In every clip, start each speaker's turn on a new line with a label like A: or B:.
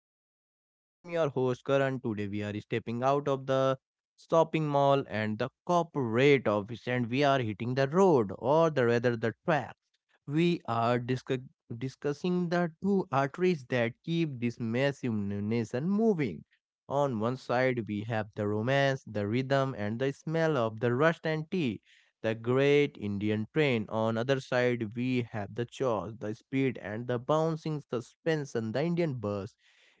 A: the podcast. I am your host, Karan. Today, we are stepping out of the shopping mall and the corporate office, and we are hitting the road, or the rather the track. We are discussing the two arteries that keep this massive nation moving. On one side, we have the romance, the rhythm, and the smell of the rust and tea, the great Indian train. On other side, we have the chaos, the speed and the bouncing suspense and the Indian bus.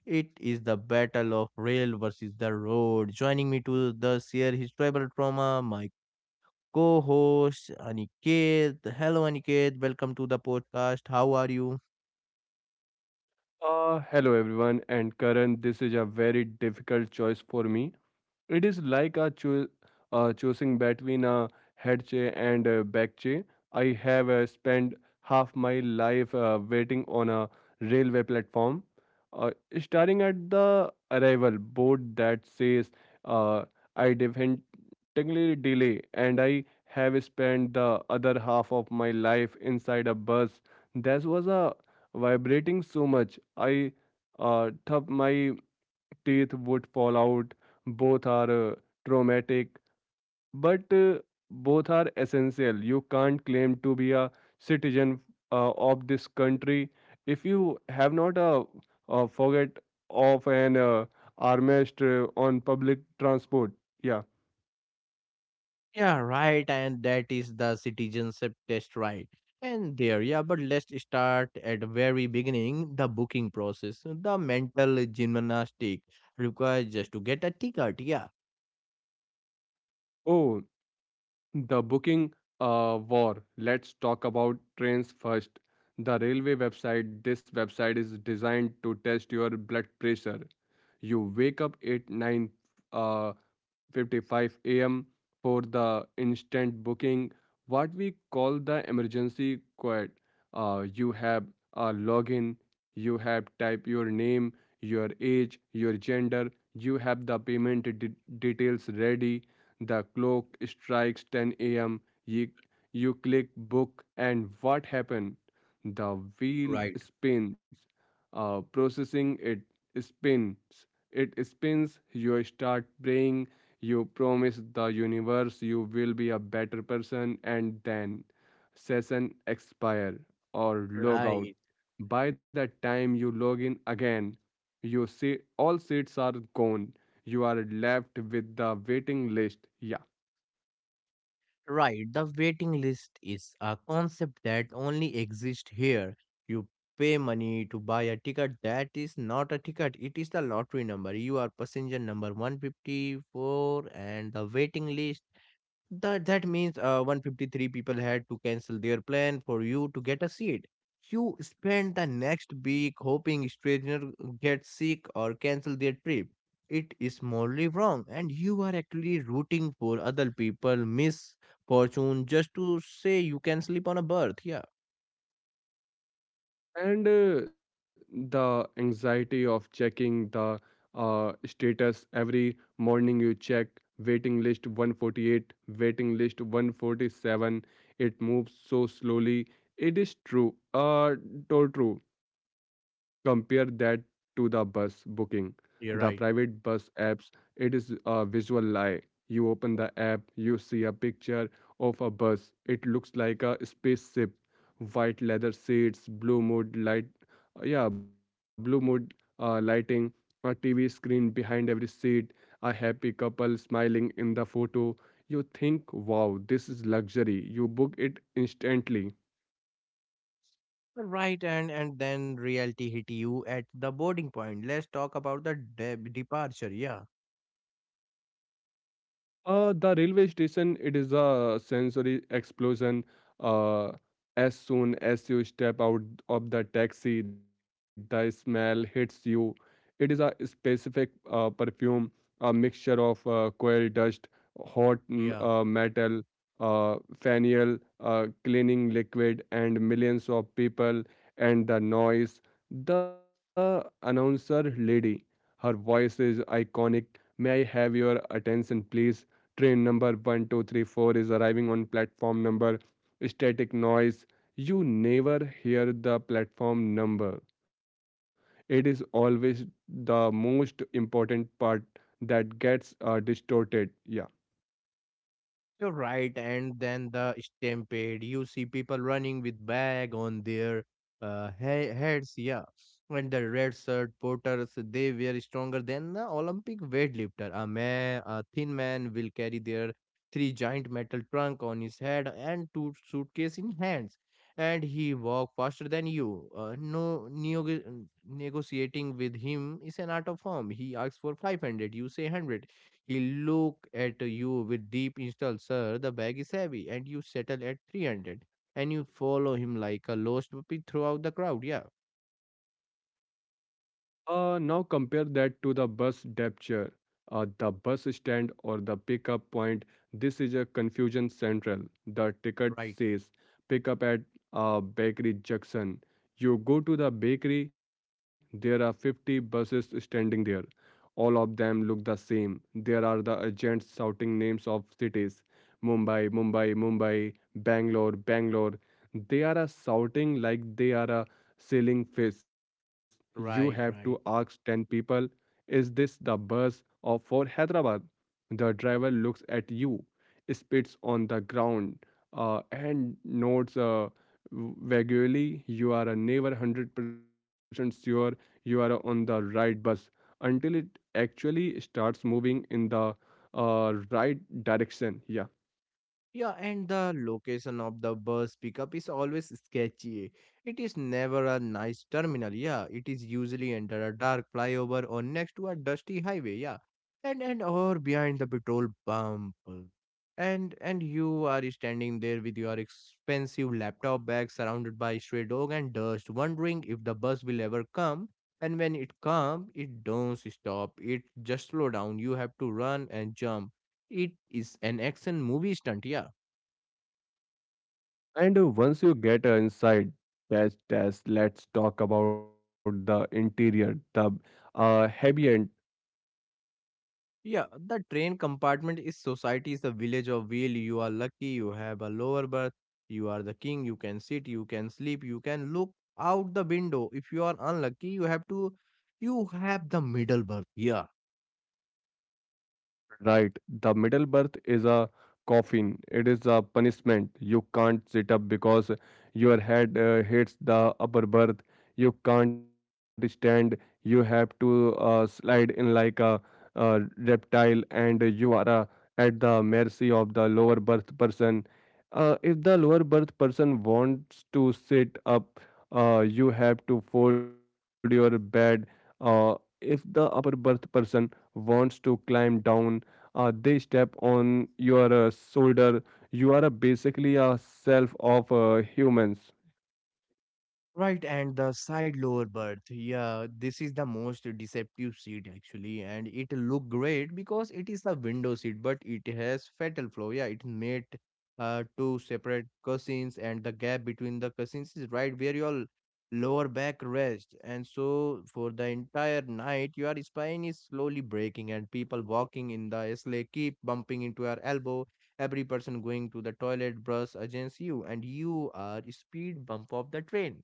A: It is the battle of rail versus the road. Joining me to thus share his travel trauma, my co-host Aniket. Hello Aniket, welcome to the podcast. How are you?
B: Hello everyone, and Karan, this is a very difficult choice for me. It is like a choosing between a headche and a backche. I have spent half my life waiting on a railway platform, uh, starting at the arrival board that says uh, I definitely delay, and I have spent the other half of my life inside a bus. This was a vibrating so much. I thumped my teeth would fall out. Both are traumatic, but both are essential. You can't claim to be a citizen of this country if you have not a, a forget of an armrest on public transport. Yeah.
A: Yeah, right. And that is the citizenship test, right? And there, yeah, but let's start at the very beginning, the booking process. The mental gymnastic required just to get a ticket, yeah.
B: Oh, the booking war. Let's talk about trains first. The railway website. This website is designed to test your blood pressure. You wake up at 9 uh, 55 a.m. for the instant booking, what we call the emergency quad. You have a login, you have type your name, your age, your gender, you have the payment details ready. The clock strikes 10 a.m. You click book, and what happened? The wheel
A: Right.
B: spins, processing it spins. It spins, you start praying, you promise the universe you will be a better person, and then session expire or log out.
A: Right,
B: By the time you log in again, you see all seats are gone. You are left with the waiting list. Yeah.
A: right. The waiting list is a concept that only exists here. You pay money to buy a ticket. That is not a ticket, it is the lottery number. You are passenger number 154, and the waiting list. That means 153 people had to cancel their plan for you to get a seat. You spend the next week hoping stranger get sick or cancel their trip. It is morally wrong, and you are actually rooting for other people miss fortune just to say you can sleep on a berth. Yeah.
B: And the anxiety of checking the status every morning, you check waiting list 148, waiting list 147. It moves so slowly. It is told true. Compare that to the bus booking, the
A: You're
B: private
A: right.
B: bus apps. It is a visual lie. You open the app, you see a picture of a bus. It looks like a spaceship, white leather seats, blue mood light, yeah, blue mood lighting, a TV screen behind every seat, a happy couple smiling in the photo. You think, wow, this is luxury. You book it instantly.
A: Right. And then reality hit you at the boarding point. Let's talk about the departure. Yeah.
B: The railway station, it is a sensory explosion. Uh, as soon as you step out of the taxi, the smell hits you. It is a specific perfume, a mixture of coal dust, hot m-
A: Yeah.
B: uh, metal, fennel, cleaning liquid, and millions of people, and the noise. The announcer lady, her voice is iconic. May I have your attention, please? Train number 1234 is arriving on platform number static noise. You never hear the platform number. It is always the most important part that gets distorted. Yeah.
A: You're right, and then the stampede. You see people running with bag on their heads, yeah. And the red shirt porters, they were stronger than the Olympic weightlifter. A man, a thin man, will carry their three giant metal trunk on his head and two suitcase in hands, and he walk faster than you. No, neo- Negotiating with him is an art of form. He asks for 500, you say 100, he look at you with deep install, sir. The bag is heavy, and you settle at 300. And you follow him like a lost puppy throughout the crowd. Yeah,
B: Now compare that to the bus depture, the bus stand or the pickup point. This is a confusion central. The ticket
A: right.
B: says pick up at bakery junction. You go to the bakery, there are 50 buses standing there. All of them look the same. There are the agents shouting names of cities, Mumbai, Mumbai, Mumbai, Bangalore, Bangalore. They are shouting like they are selling fish. You have to
A: Right,
B: ask
A: right.
B: 10 people, is this the bus of for Hyderabad? The driver looks at you, spits on the ground, and nods vaguely. You are never 100% sure you are on the right bus until it actually starts moving in the right direction. Yeah.
A: Yeah, and the location of the bus pickup is always sketchy. It is never a nice terminal. Yeah, it is usually under a dark flyover or next to a dusty highway. Yeah, and or behind the petrol pump. And you are standing there with your expensive laptop bag surrounded by stray dog and dust, wondering if the bus will ever come. And when it comes, it don't stop. It just slow down. You have to run and jump. It is an action movie stunt. Yeah.
B: And once you get inside, test, test, let's talk about the interior, the ambient.
A: Yeah, the train compartment is society, is the village of wheel. You are lucky, you have a lower berth, you are the king, you can sit, you can sleep, you can look out the window. If you are unlucky, you have to, you have the middle berth. Yeah.
B: Right. The middle berth is a coffin. It is a punishment. You can't sit up because your head hits the upper berth. You can't stand. You have to slide in like a reptile, and you are at the mercy of the lower berth person. If the lower berth person wants to sit up, you have to fold your bed. Uh, if the upper berth person wants to climb down. They step on your shoulder. You are basically a self of humans.
A: Right, and the side lower berth. Yeah, this is the most deceptive seat actually, and it look great because it is a window seat, but it has fatal flaw. Yeah, it made two separate cushions, and the gap between the cushions is right where your lower back rests. And so for the entire night, your spine is slowly breaking, and people walking in the sleigh keep bumping into your elbow. Every person going to the toilet brush against you, and you are speed bump of the train.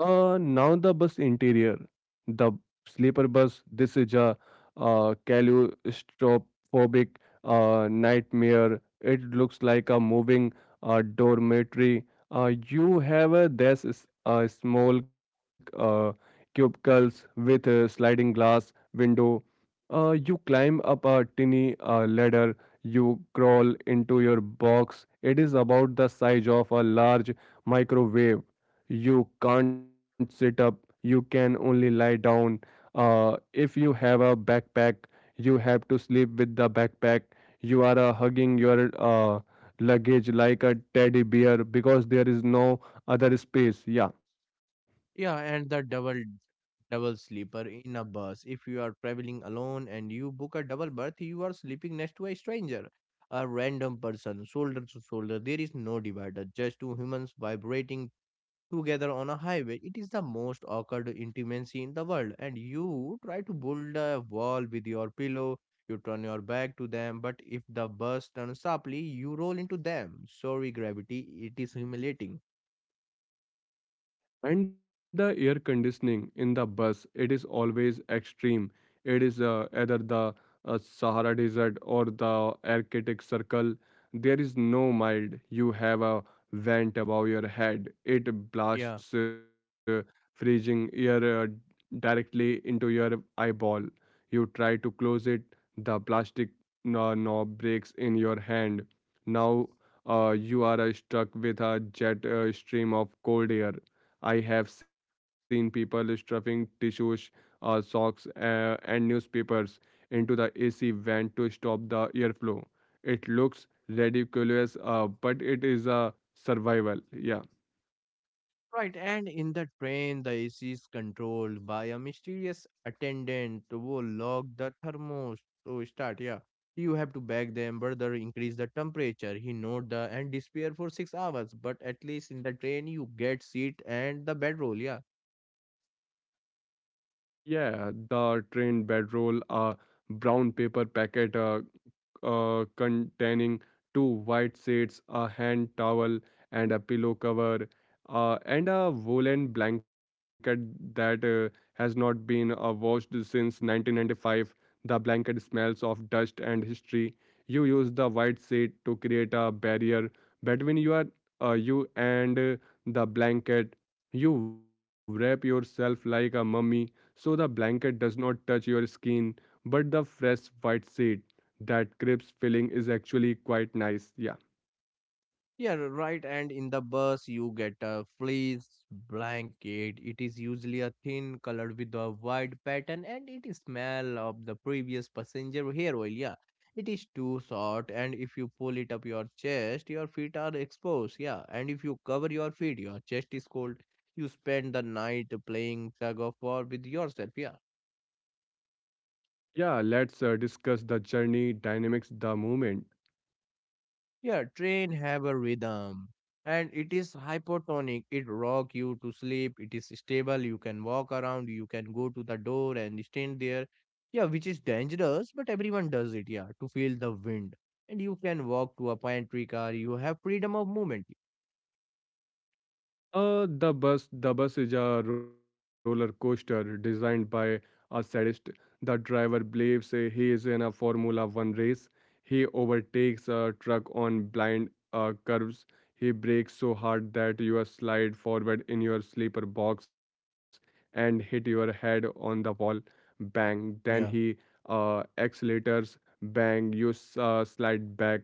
B: Now the bus interior, the sleeper bus. This is a claustrophobic nightmare. It looks like a moving dormitory. You have a this is a small cubicles with a sliding glass window. You climb up a tiny ladder. You crawl into your box. It is about the size of a large microwave. You can't sit up, you can only lie down. If you have a backpack, you have to sleep with the backpack. You are hugging your luggage like a teddy bear because there is no other space. Yeah.
A: Yeah, and the double sleeper in a bus. If you are traveling alone and you book a double berth, you are sleeping next to a stranger, a random person, shoulder to shoulder. There is no divider, just two humans vibrating together on a highway. It is the most awkward intimacy in the world, and you try to build a wall with your pillow. You turn your back to them, but if the bus turns sharply, you roll into them. Sorry, gravity, it is humiliating.
B: And the air conditioning in the bus, it is always extreme. It is either the sahara desert or the arctic circle. There is no mild. You have a vent above your head. It
A: Yeah.
B: blasts freezing air directly into your eyeball. You try to close it, the plastic knob breaks in your hand. Now you are stuck with a jet stream of cold air. I have seen people stuffing tissues, socks, and newspapers into the AC vent to stop the airflow. It looks ridiculous, but it is a survival. Yeah.
A: Right, and in the train, the AC is controlled by a mysterious attendant who lock the thermos to start. Yeah, you have to beg them, brother, increase the temperature. He note the and disappear for 6 hours, but at least in the train you get seat and the bedroll. Yeah.
B: Yeah, the train bedroll, a brown paper packet, containing two white sheets, a hand towel, and a pillow cover, and a woolen blanket that has not been washed since 1995. The blanket smells of dust and history. You use the white sheet to create a barrier between you and the blanket. You wrap yourself like a mummy so the blanket does not touch your skin, but the fresh white sheet, that crisp filling is actually quite nice. Yeah.
A: Yeah, right. And in the bus, you get a fleece blanket. It is usually a thin colored with a wide pattern, and it is smell of the previous passenger hair oil. Yeah, it is too short, and if you pull it up your chest, your feet are exposed. Yeah, and if you cover your feet, your chest is cold. You spend the night playing tug of war with yourself. Yeah.
B: Yeah, let's discuss the journey, dynamics, the movement.
A: Yeah, train have a rhythm and it is hypotonic. It rock you to sleep. It is stable. You can walk around. You can go to the door and stand there. Yeah, which is dangerous, but everyone does it. Yeah, to feel the wind. And you can walk to a pantry car. You have freedom of movement.
B: The bus is a roller coaster designed by a sadist. The driver believes he is in a Formula One race. He overtakes a truck on blind curves. He brakes so hard that you slide forward in your sleeper box and hit your head on the wall. Bang! Then
A: Yeah.
B: he accelerators. Bang! You slide back.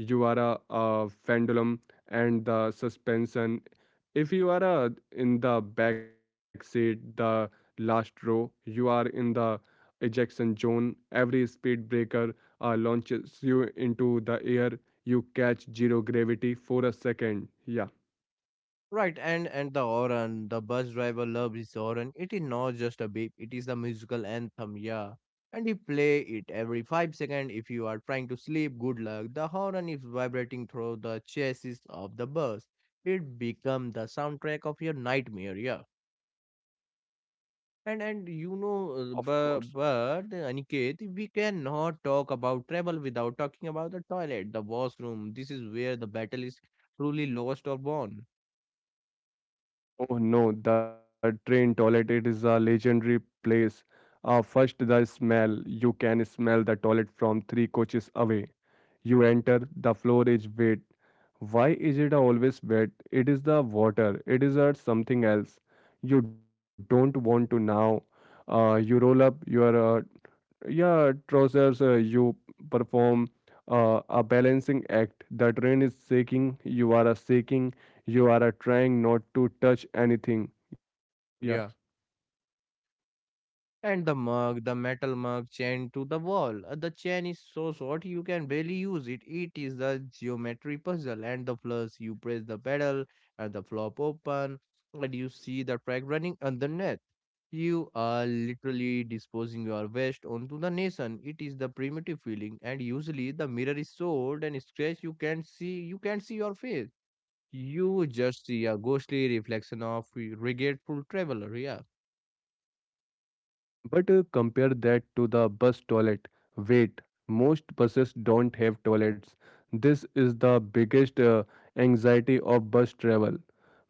B: You are a pendulum, and the suspension, if you are in the back seat, the last row, you are in the ejection zone. Every speed breaker launches you into the air. You catch zero gravity for a second. Yeah.
A: Right, and the Oran, the bus driver loves his Oran. It is not just a beep; it is the musical anthem. Yeah, and you play it every 5 seconds. If you are trying to sleep, good luck. The Oran is vibrating through the chassis of the bus. It become the soundtrack of your nightmare. Yeah, and you
B: Of
A: know,
B: course.
A: but Aniket, we cannot talk about travel without talking about the toilet, the washroom. This is where the battle is truly lost or won.
B: Oh no, the train toilet, it is a legendary place. First, the smell. You can smell the toilet from three coaches away. You enter, the floor is wet. Why is it always wet? It is the water, it is something else. You don't want to now. You roll up your yeah, trousers, you perform a balancing act. The train is shaking, you are trying not to touch anything. Yeah.
A: Yeah. And the mug, the metal mug chained to the wall. The chain is so short you can barely use it. It is the geometry puzzle. And the plus, you press the pedal and the flop open and you see the track running underneath. You are literally disposing your waste onto the nation. It is the primitive feeling, and usually the mirror is sold and scratched. You can't see your face. You just see a ghostly reflection of regretful traveler. Yeah.
B: But compare that to the bus toilet. Wait, most buses don't have toilets. This is the biggest anxiety of bus travel.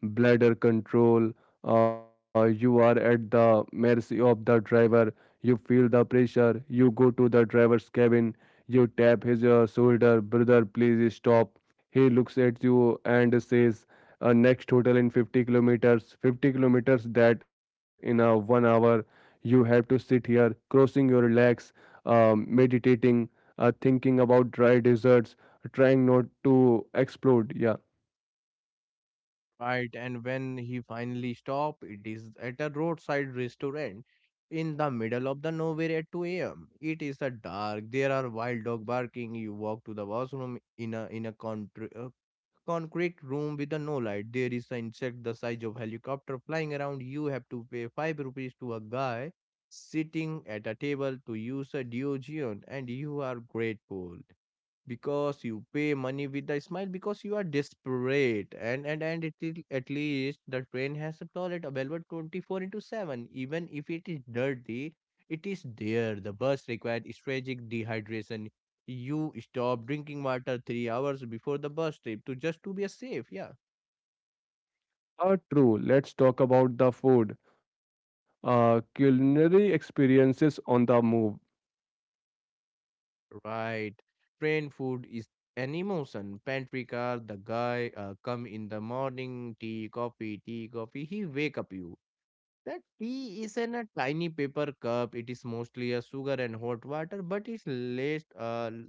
B: Bladder control, you are at the mercy of the driver. You feel the pressure. You go to the driver's cabin. You tap his shoulder, brother, please stop. He looks at you and says, next hotel in 50 kilometers. 50 kilometers, that in a 1 hour you have to sit here, crossing your legs, meditating, thinking about dry desserts, trying not to explode. Yeah.
A: Right, and when he finally stopped, it is at a roadside restaurant in the middle of the nowhere at 2 a.m. It is a dark. There are wild dog barking. You walk to the washroom in a concrete room with a no light. There is an insect the size of helicopter flying around. You have to pay five rupees to a guy sitting at a table to use a deogeon, and you are grateful because you pay money with a smile because you are desperate, and it is at least the train has a toilet available 24 into 7, even if it is dirty, it is there. The bus required strategic dehydration. You stop drinking water 3 hours before the bus trip to just to be safe, yeah.
B: True. Let's talk about the food. Culinary experiences on the move.
A: Right, train food is an emotion. Pantry car, the guy come in the morning, tea coffee, tea coffee, he wake up you. That tea is in a tiny paper cup. It is mostly a sugar and hot water, but it's less,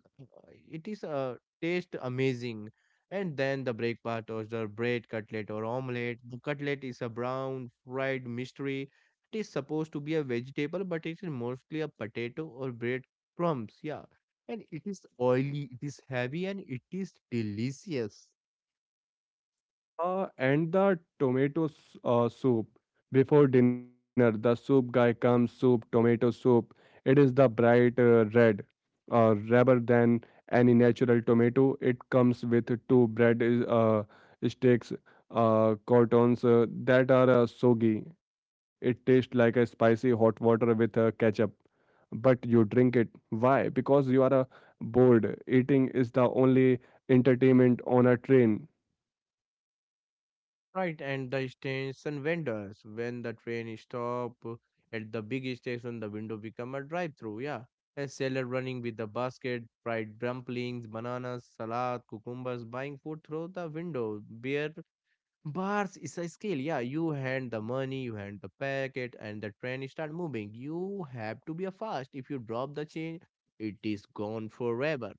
A: it is taste amazing. And then the breakfast or the bread, cutlet or omelette. The cutlet is a brown fried mystery. It is supposed to be a vegetable, but it is mostly a potato or bread crumbs. Yeah, and it is oily, it is heavy, and it is delicious.
B: And the tomato soup before dinner. The soup guy comes, soup, tomato soup. It is the bright red, rather than any natural tomato. It comes with two bread sticks, croutons that are soggy. It tastes like a spicy hot water with ketchup, but you drink it. Why? Because you are bored. Eating is the only entertainment on a train.
A: Right, and the station vendors. When the train stop at the big station, the window become a drive-through. Yeah, a seller running with the basket, fried dumplings, bananas, salad, cucumbers, buying food through the window. Beer bars is a scale. Yeah, you hand the money, you hand the packet, and the train start moving. You have to be a fast. If you drop the change, it is gone forever.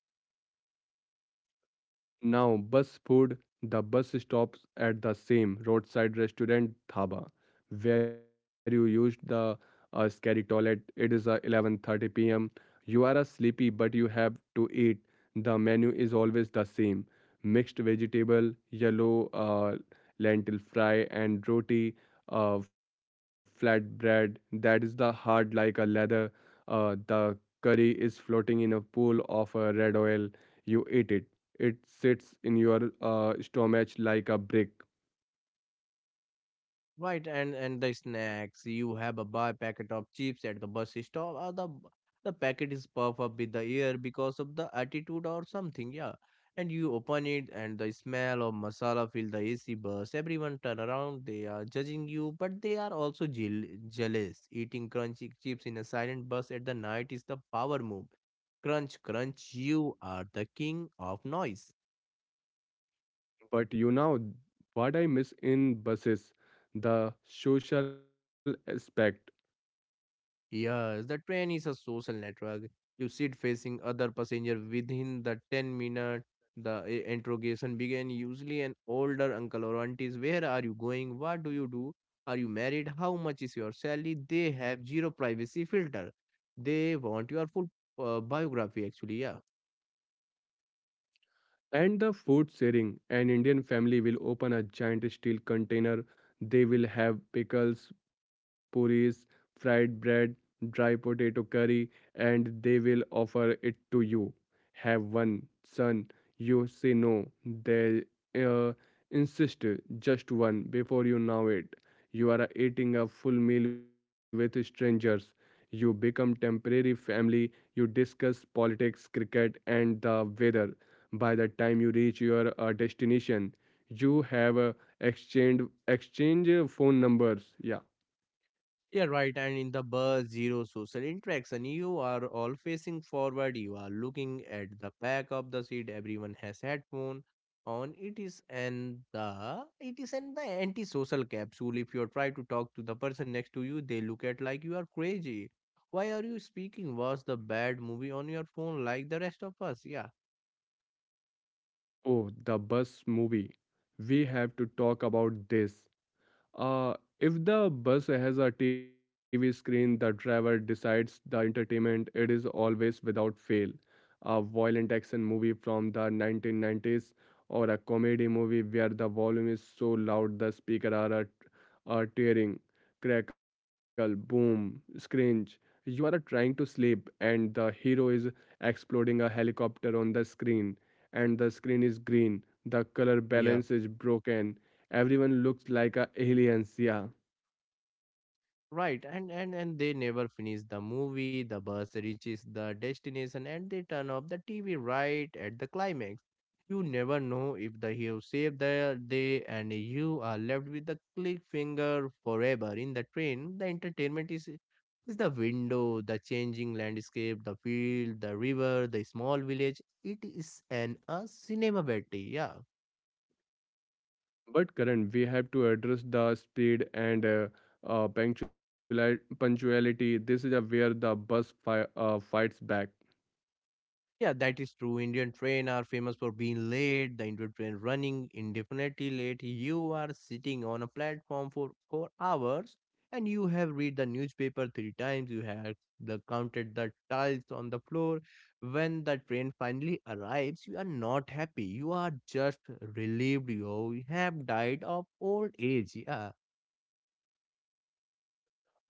B: Now, bus food, the bus stops at the same roadside restaurant dhaba where you used the scary toilet. It is 11:30 p.m. You are sleepy, but you have to eat. The menu is always the same: mixed vegetable, yellow lentil fry, and roti, flatbread. That is the hard like a leather. The curry is floating in a pool of red oil. You eat it, it sits in your stomach like a brick.
A: Right, and the snacks. You have a buy packet of chips at the bus stop, or the packet is puffed up with the air because of the attitude or something. Yeah, and you open it, and the smell of masala fill the AC bus. Everyone turn around. They are judging you, but they are also jealous. Eating crunchy chips in a silent bus at the night is the power move. Crunch, crunch. You are the king of noise.
B: But you know what I miss in buses? The social aspect.
A: Yes, the train is a social network. You sit facing other passenger within the 10 minute the interrogation began. Usually an older uncle or auntie is, where are you going? What do you do? Are you married? How much is your salary? They have zero privacy filter. They want your full biography actually, yeah.
B: And the food sharing. An Indian family will open a giant steel container. They will have pickles, puris, fried bread, dry potato curry, and they will offer it to you. Have one, son. You say no. They uh, insist just one, before you know it. You are eating a full meal with strangers. You become temporary family. You discuss politics, cricket, and the weather. By the time you reach your destination, you have exchanged exchange phone numbers. Yeah.
A: Yeah, right. And in the bus, zero social interaction. You are all facing forward. You are looking at the back of the seat. Everyone has headphone on. It is and the it is an the antisocial capsule. If you try to talk to the person next to you, they look at like you are crazy. Why are you speaking? Was the bad movie on your phone like the rest of us? Yeah.
B: Oh, the bus movie. We have to talk about this. Uh, if the bus has a TV screen, the driver decides the entertainment. It is always, without fail, a violent action movie from the 1990s, or a comedy movie where the volume is so loud the speaker are, are tearing, crackle, boom, screech. You are trying to sleep, and the hero is exploding a helicopter on the screen, and the screen is green. The color
A: Yeah.
B: balance is broken. Everyone looks like a aliens, yeah.
A: Right, and they never finish the movie, the bus reaches the destination and they turn off the TV right at the climax. You never know if the hero saved the day and you are left with the click finger forever in the train. The entertainment is the window, the changing landscape, the field, the river, the small village. It is an a cinema battery, yeah.
B: But Karan, we have to address the speed and punctuality. This is where the bus fights back.
A: Yeah, that is true. Indian train are famous for being late. The Indian train running indefinitely late. You are sitting on a platform for hours, and you have read the newspaper three times. You have the counted the tiles on the floor. When the train finally arrives, you are not happy. You are just relieved. You have died of old age. Yeah,
B: Uh,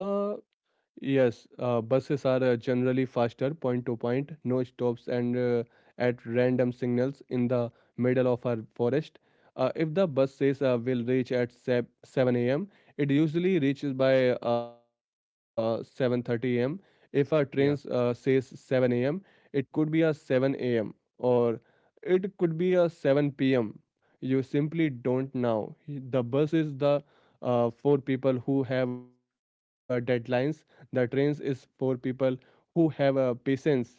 B: Yes, buses are generally faster, point to point, no stops, and at random signals in the middle of a forest. If the bus says will reach at 7 a.m., it usually reaches by 7:30 a.m. If a train says
A: yeah.
B: 7 a.m., it could be a 7 a.m., or it could be a 7 p.m. You simply don't know. The bus is the for people who have deadlines, the trains is for people who have a patience. Yeah.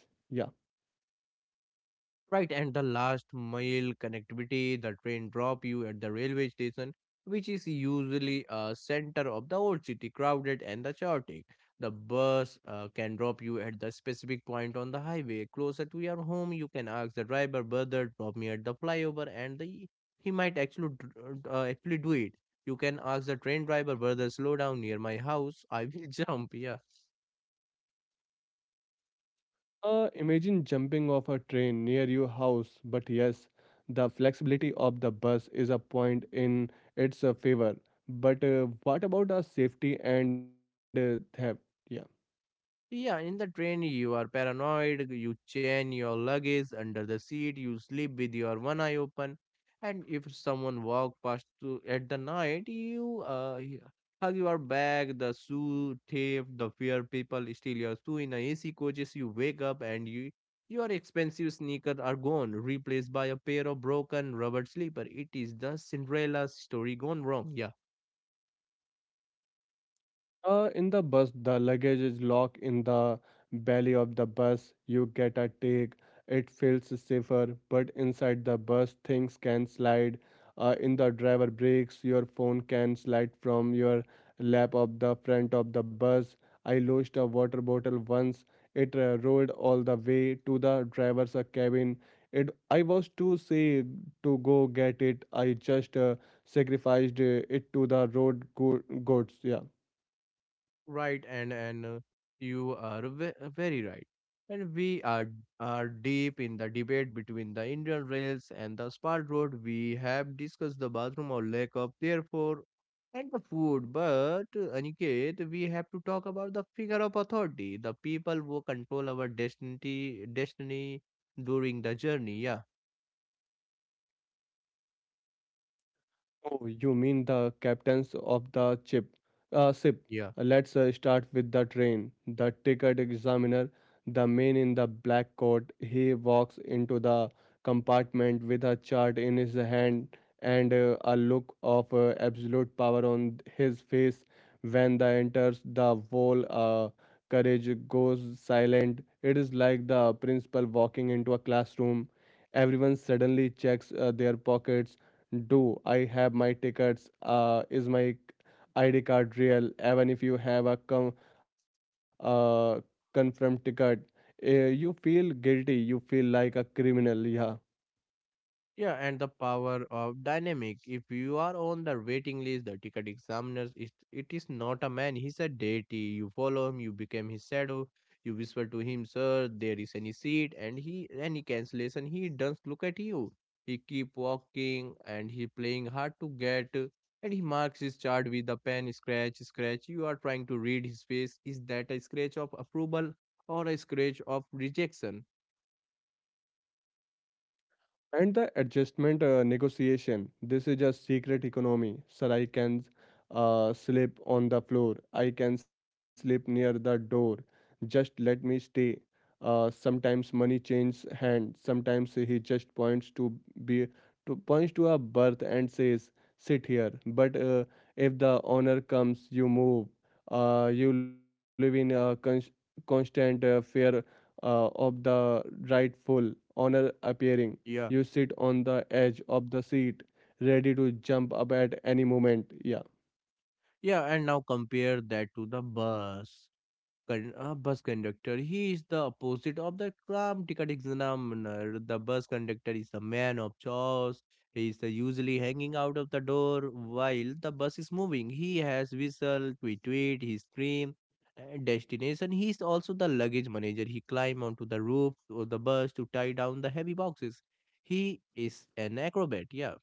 A: Right, and the last mile connectivity, the train drop you at the railway station, which is usually a center of the old city, crowded and the chaotic. The bus can drop you at the specific point on the highway closer to your home. You can ask the driver, brother, drop me at the flyover, and the, he might actually do it. You can ask the train driver, brother, slow down near my house. I will jump. Yeah.
B: Imagine jumping off a train near your house, but yes, the flexibility of the bus is a point in its favor. But what about the safety and theft? Yeah.
A: Yeah, in the train, you are paranoid, you chain your luggage under the seat, you sleep with your one eye open, and if someone walk past to, at the night, you hug your bag, the shoe thief, the fear people steal your shoe in the AC coaches, you wake up and you your expensive sneakers are gone, replaced by a pair of broken rubber slipper. It is the Cinderella story gone wrong. Yeah.
B: In the bus, the luggage is locked in the belly of the bus. You get a take. It feels safer, but inside the bus, things can slide. In the driver breaks, your phone can slide from your lap of the front of the bus. I lost a water bottle once. It rolled all the way to the driver's cabin. It I was too sick to go get it. I just sacrificed it to the goats. Yeah.
A: Right, and you are very right. And we are deep in the debate between the Indian Rails and the Spark Road. We have discussed the bathroom or lack of, therefore, and the food. But Aniket, we have to talk about the figure of authority, the people who control our destiny, destiny during the journey. Yeah,
B: Oh, you mean the captains of the ship? Ship.
A: yeah.
B: Let's start with the train. The ticket examiner, the man in the black coat, he walks into the compartment with a chart in his hand and a look of absolute power on his face. When the enters, the whole courage goes silent. It is like the principal walking into a classroom. Everyone suddenly checks their pockets. Do I have my tickets? Is my ID card real? Even if you have a uh, confirmed ticket, uh, you feel guilty. You feel like a criminal. Yeah.
A: Yeah, and the power of dynamic. If you are on the waiting list, the ticket examiners, it is not a man, he's a deity. You follow him, you become his shadow. You whisper to him, sir, there is any seat, and he any cancellation, he doesn't look at you. He keep walking and he playing hard to get, and he marks his chart with a pen, scratch, scratch. You are trying to read his face. Is that a scratch of approval or a scratch of rejection?
B: And the adjustment negotiation. This is a secret economy. Sir, I can sleep on the floor. I can sleep near the door. Just let me stay. Sometimes money changes hands. Sometimes he just be points to a berth and says, "Sit here." But if the owner comes, you move. You live in a constant fear of the rightful owner appearing. You
A: Yeah.
B: sit on the edge of the seat, ready to jump up at any moment. Yeah.
A: Yeah, and now compare that to the bus. Bus conductor. He is the opposite of the calm ticket examiner. The bus conductor is the man of chores. He is the usually hanging out of the door while the bus is moving. He has whistle, tweet tweet, he scream. And destination. He is also the luggage manager. He climb onto the roof of the bus to tie down the heavy boxes. He is an acrobat. Yeah.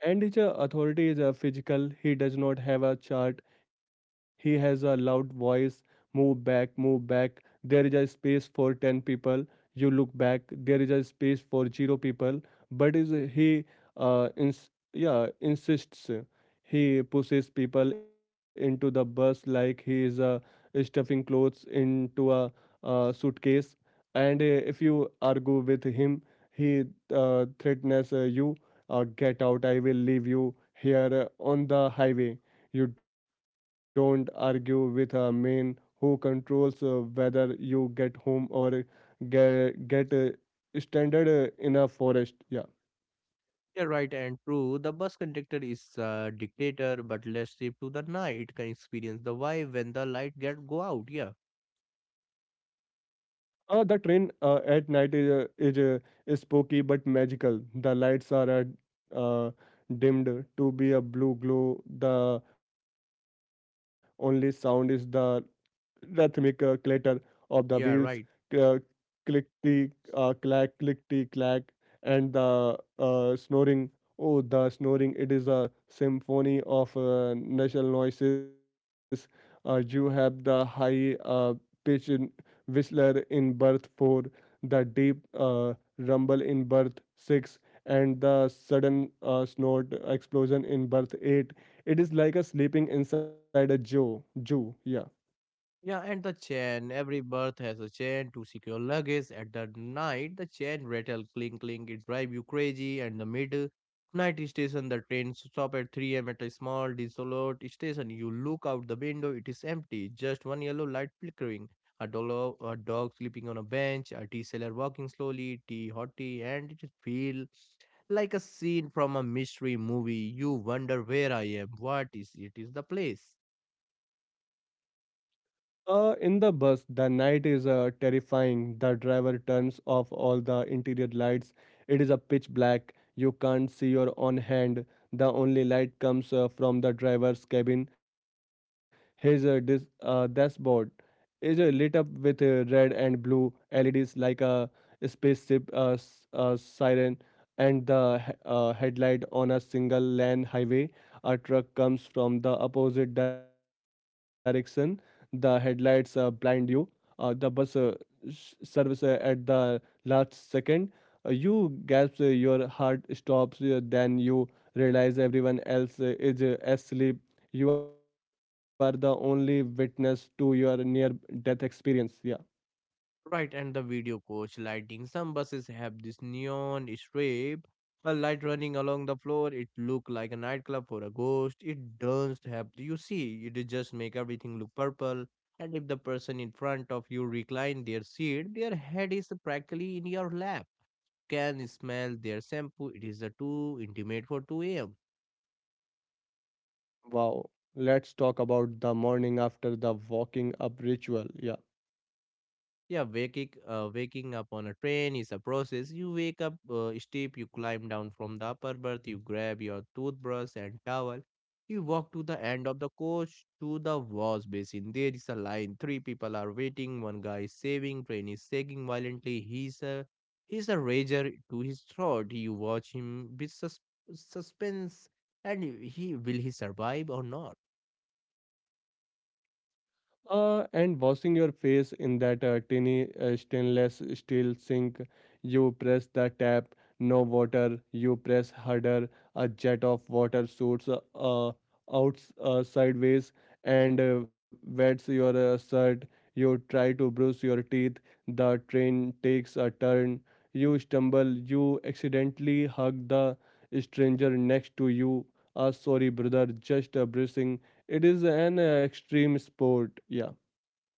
B: And his authority is physical. He does not have a chart. He has a loud voice. Move back, move back. There is a space for 10 people. You look back. There is a space for zero people. But is uh, ins- yeah, insists. He pushes people into the bus like he is stuffing clothes into a suitcase. And if you argue with him, he threatens you, Get out, I will leave you here on the highway. You don't argue with a man who controls whether you get home or get stranded in a forest. Yeah.
A: Yeah, right and true. The bus conductor is a dictator, but let's shift to the night can experience the vibe when the light get go out. Yeah,
B: The train at night is, is spooky but magical. The lights are uh, uh, dimmed to be a blue glow. The only sound is the rhythmic clatter of the
A: yeah,
B: wheels,
A: right.
B: uh, clickety clack, clickety clack, and the snoring. Oh, the snoring! It is a symphony of nasal noises. You have the high pitch in whistler in birth four, the deep rumble in birth six, and the sudden snort explosion in birth eight. It is like a sleeping inside a zoo. Zoo, yeah.
A: Yeah, and the chain. Every berth has a chain to secure luggage. At the night, the chain rattle, clink, clink. It drive you crazy. And the middle night station, the train stop at 3 a.m. at a small, desolate station. You look out the window. It is empty. Just one yellow light flickering. A, a dog sleeping on a bench. A tea seller walking slowly. Tea, hot tea, and it feels like a scene from a mystery movie. You wonder where I am. What is it? Is the place?
B: In the bus, the night is terrifying. The driver turns off all the interior lights. It is a pitch black. You can't see your own hand. The only light comes from the driver's cabin. His dashboard is lit up with red and blue LEDs like a spaceship siren. And the headlight on a single lane highway. A truck comes from the opposite direction, the headlights blind you, the bus service at the last second. You gasp, your heart stops, then you realize everyone else is asleep. You are the only witness to your near death experience. Yeah.
A: Right, and the video coach lighting. Some buses have this neon strip, a light running along the floor. It look like a nightclub for a ghost. It doesn't have. You see, it just make everything look purple. And if the person in front of you recline their seat, their head is practically in your lap. Can smell their shampoo. It is a too intimate for 2 a.m.
B: Wow. Let's talk about the morning after, the walking up ritual. Yeah.
A: Yeah, waking up on a train is a process. You wake up steep, you climb down from the upper berth, you grab your toothbrush and towel. You walk to the end of the coach to the wash basin. There is a line. Three people are waiting. One guy is saving. Train is sagging violently. He's a razor to his throat. You watch him with suspense, and he will he survive or not?
B: And washing your face in that tiny stainless steel sink, you press the tap, no water, you press harder, a jet of water shoots out sideways and wets your shirt. You try to brush your teeth, the train takes a turn, you stumble, you accidentally hug the stranger next to you. Sorry, brother, just brushing. It is an extreme sport. Yeah.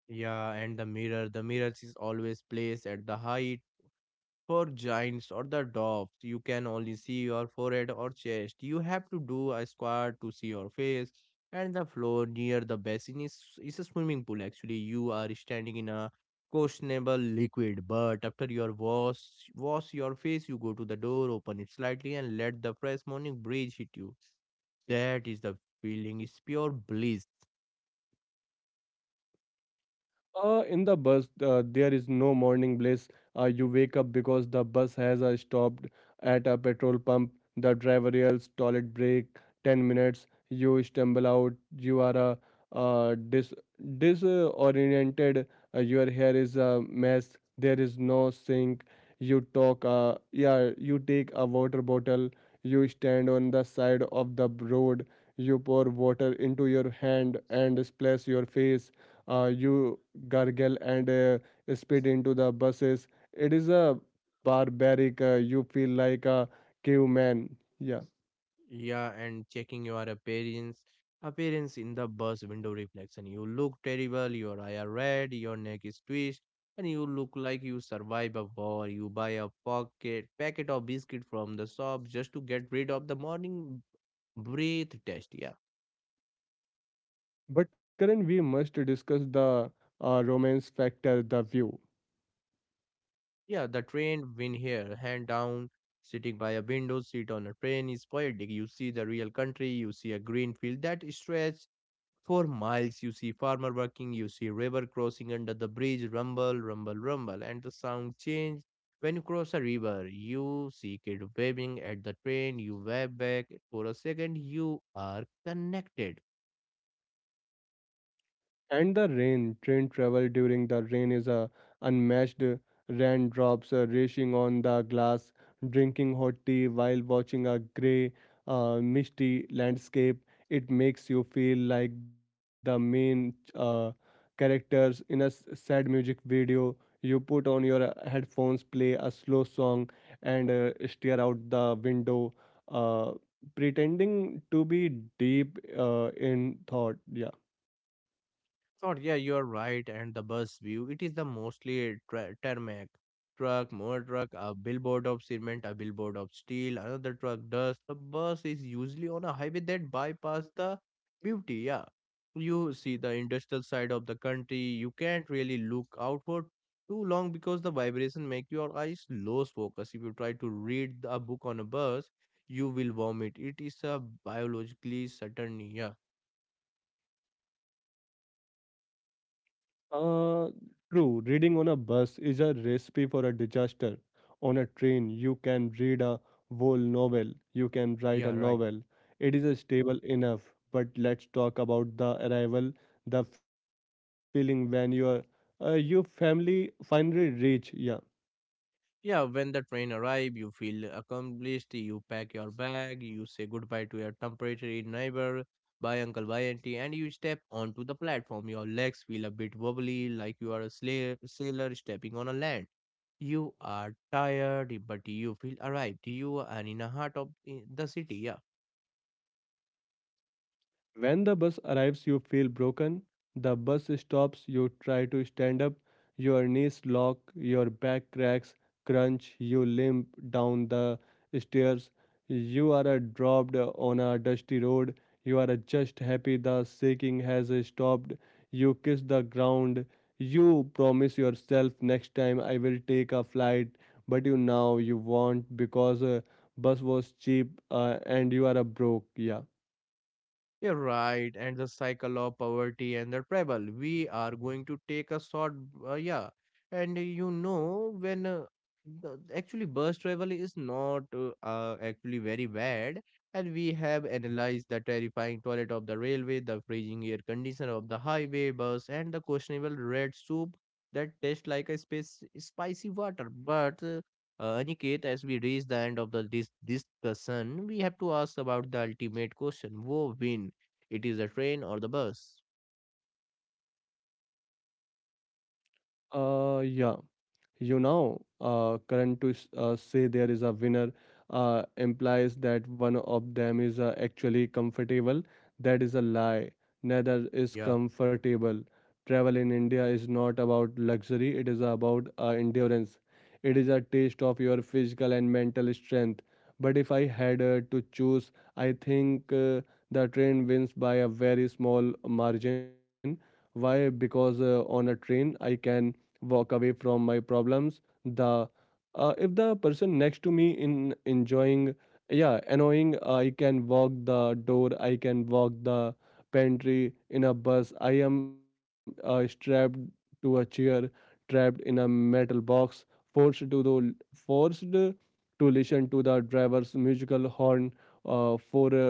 A: Yeah, and the mirror. The mirror is always placed at the height for giants or the dwarfs, you can only see your forehead or chest. You have to do a squat to see your face. And the floor near the basin is a swimming pool. Actually, you are standing in a questionable liquid. But after your wash your face, you go to the door, open it slightly, and let the fresh morning breeze hit you. That is the feeling. It's pure bliss.
B: In the bus, there is no morning bliss. You wake up because the bus has stopped at a petrol pump. The driver yells, toilet break, 10 minutes. You stumble out. You are uh, dis disoriented. Your hair is a mess. There is no sink. You talk, yeah, you take a water bottle. You stand on the side of the road. You pour water into your hand and splash your face, you gargle and spit into the buses. It is a barbaric, you feel like a caveman. Yeah.
A: Yeah, and checking your appearance in the bus window reflection. You look terrible, your eye are red, your neck is twisted, and you look like you survived a war. You buy a pocket packet of biscuit from the shop just to get rid of the morning breath test. Yeah.
B: But Karan, we must discuss the romance factor, the view.
A: Yeah, the train win here, hand down, sitting by a window seat on a train is poetic. You see the real country, you see a green field that stretch for miles, you see farmer working, you see river crossing under the bridge, rumble, rumble, rumble, and the sound change. When you cross a river, you see kid waving at the train, you wave back for a second, you are connected.
B: And the rain, train travel during the rain is a unmatched. Raindrops racing on the glass, drinking hot tea while watching a grey, misty landscape. It makes you feel like the main characters in a sad music video. You put on your headphones, play a slow song, and stare out the window, uh, pretending to be deep in thought. Yeah.
A: Oh, yeah, you're right. And the bus view, it is the mostly a tarmac. Truck, more truck, a billboard of cement, a billboard of steel, another truck dust. The bus is usually on a highway that bypass the beauty. Yeah, you see the industrial side of the country. You can't really look out for too long because the vibration make your eyes lose focus. If you try to read a book on a bus, you will vomit. It is a biologically certain. Yeah,
B: Uh, True, reading on a bus is a recipe for a disaster. On a train, you can read a whole novel, you can write a
A: yeah, right.
B: novel. It is a stable enough, but let's talk about the arrival, the feeling when your family finally reach. Yeah.
A: Yeah, when the train arrive, you feel accomplished. You pack your bag. You say goodbye to your temporary neighbor. Bye, uncle. Bye, auntie. And you step onto the platform. Your legs feel a bit wobbly, like you are a slayer, sailor stepping on a land. You are tired, but you feel arrived. You are in the heart of the city. Yeah.
B: When the bus arrives, you feel broken. The bus stops, you try to stand up. Your knees lock, your back cracks, crunch, you limp down the stairs. You are dropped on a dusty road. You are just happy the shaking has stopped. You kiss the ground. You promise yourself, next time I will take a flight, but you now you won't because bus was cheap and you are a broke. Yeah.
A: You're right, and the cycle of poverty and the travel. We are going to take a yeah, and you know actually bus travel is not actually very bad, and we have analyzed the terrifying toilet of the railway, the freezing air conditioner of the highway bus, and the questionable red soup that tastes like a space spicy water. But Aniket, as we reach the end of the this discussion, we have to ask about the ultimate question: Who win? It is the train or the bus?
B: Uh, yeah, you know, current to say there is a winner implies that one of them is actually comfortable. That is a lie. Neither is
A: Yeah.
B: comfortable. Travel in India is not about luxury, it is about endurance. It is a taste of your physical and mental strength. But if I had to choose, I think the train wins by a very small margin. Why? Because on a train, I can walk away from my problems. The If the person next to me in enjoying, yeah, annoying, I can walk the door, I can walk the pantry. In a bus, I am strapped to a chair, trapped in a metal box, forced to listen to the driver's musical horn for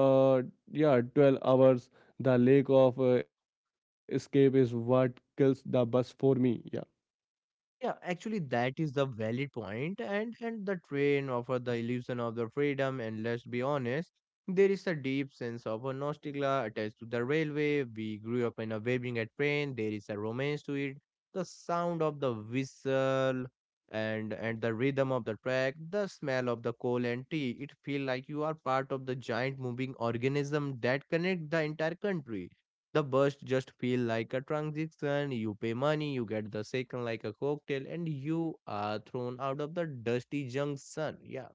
B: uh yeah, 12 hours. The lack of escape is what kills the bus for me. Yeah.
A: Yeah, actually that is the valid point, and the train offer the illusion of the freedom and let's be honest, there is a deep sense of a nostalgia attached to the railway, we grew up in a waving at train, there is a romance to it, the sound of the whistle, and the rhythm of the track, the smell of the coal and tea, it feel like you are part of the giant moving organism that connect the entire country. The burst just feel like a transaction. You pay money, you get the second like a cocktail, and you are thrown out of the dusty junction. Yeah,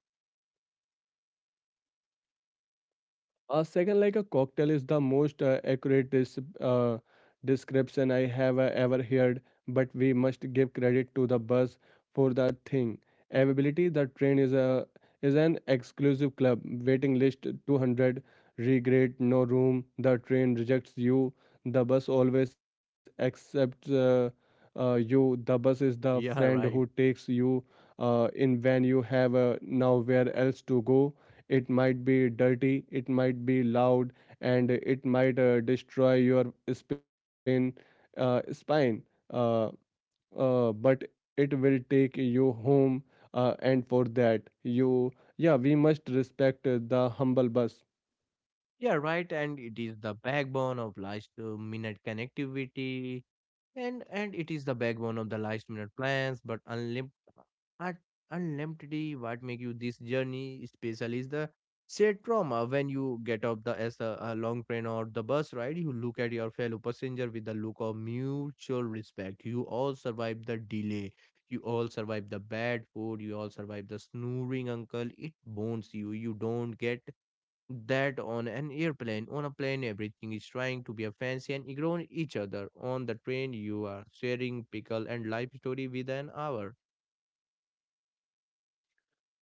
B: Second, like a cocktail, is the most accurate description I have ever heard, but we must give credit to the buzz for the thing. Availability, the train is an exclusive club. Waiting list 200, regret, no room. The train rejects you. The bus always accepts you. The bus is the
A: yeah,
B: friend who
A: right.
B: takes you in when you have nowhere else to go. It might be dirty, it might be loud, and it might destroy your spine. Uh, but it will take you home, and for that, we must respect the humble bus.
A: Yeah, right. And it is the backbone of last minute connectivity, and it is the backbone of the last minute plans, but un- unlimitedly what make you this journey special is the shared trauma. When you get off the as a long train or the bus ride, you look at your fellow passenger with the look of mutual respect, you all survived the delay, you all survived the bad food, you all survived the snoring uncle, it bonds you, you don't get that on an airplane. On a plane everything is trying to be a fancy and ignore each other, on the train you are sharing pickle and life story within an hour.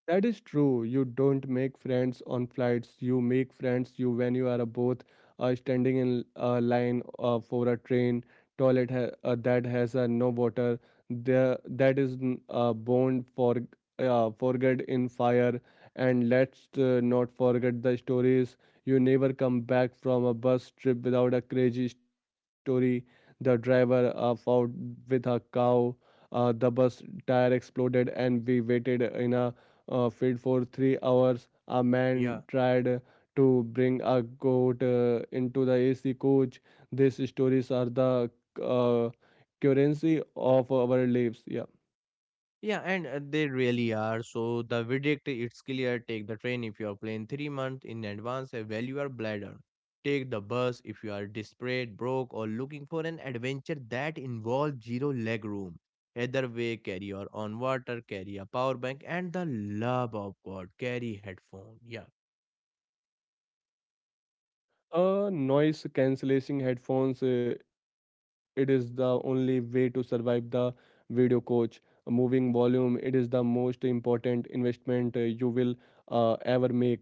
B: That is true. You don't make friends on flights. You make friends you when you are both standing in a line for a train toilet that has no water. There that is n- bond for forget in fire. And let's not forget the stories. You never come back from a bus trip without a crazy story. The driver fought with a cow. The bus tire exploded, and we waited in a feed for 3 hours. A
A: Yeah.
B: man tried to bring a goat into the AC coach. These stories are the uh, currency of our lives. Yeah.
A: Yeah, and they really are. So the verdict it's clear, take the train if you are playing 3 months in advance. Evaluate your bladder, take the bus if you are desperate, broke or looking for an adventure that involves zero leg room. Either way carry your own water, carry a power bank, and the love of god carry headphone, yeah.
B: Noise cancellation headphones. It is the only way to survive the video coach. Moving volume. It is the most important investment you will ever make.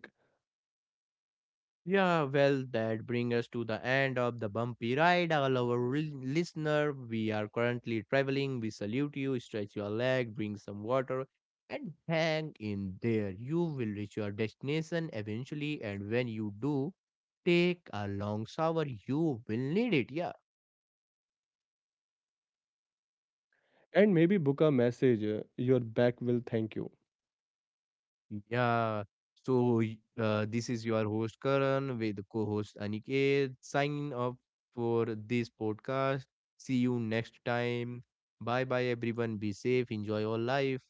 A: Yeah, well, that brings us to the end of the bumpy ride. All our listener, we are currently traveling. We salute you, stretch your leg, bring some water, and hang in there. You will reach your destination eventually, and when you do, take a long shower. You will need it. Yeah.
B: And maybe book a message. Your back will thank you.
A: Yeah. So, this is your host Karan with co-host Aniket. Signing up for this podcast. See you next time. Bye bye everyone. Be safe. Enjoy your life.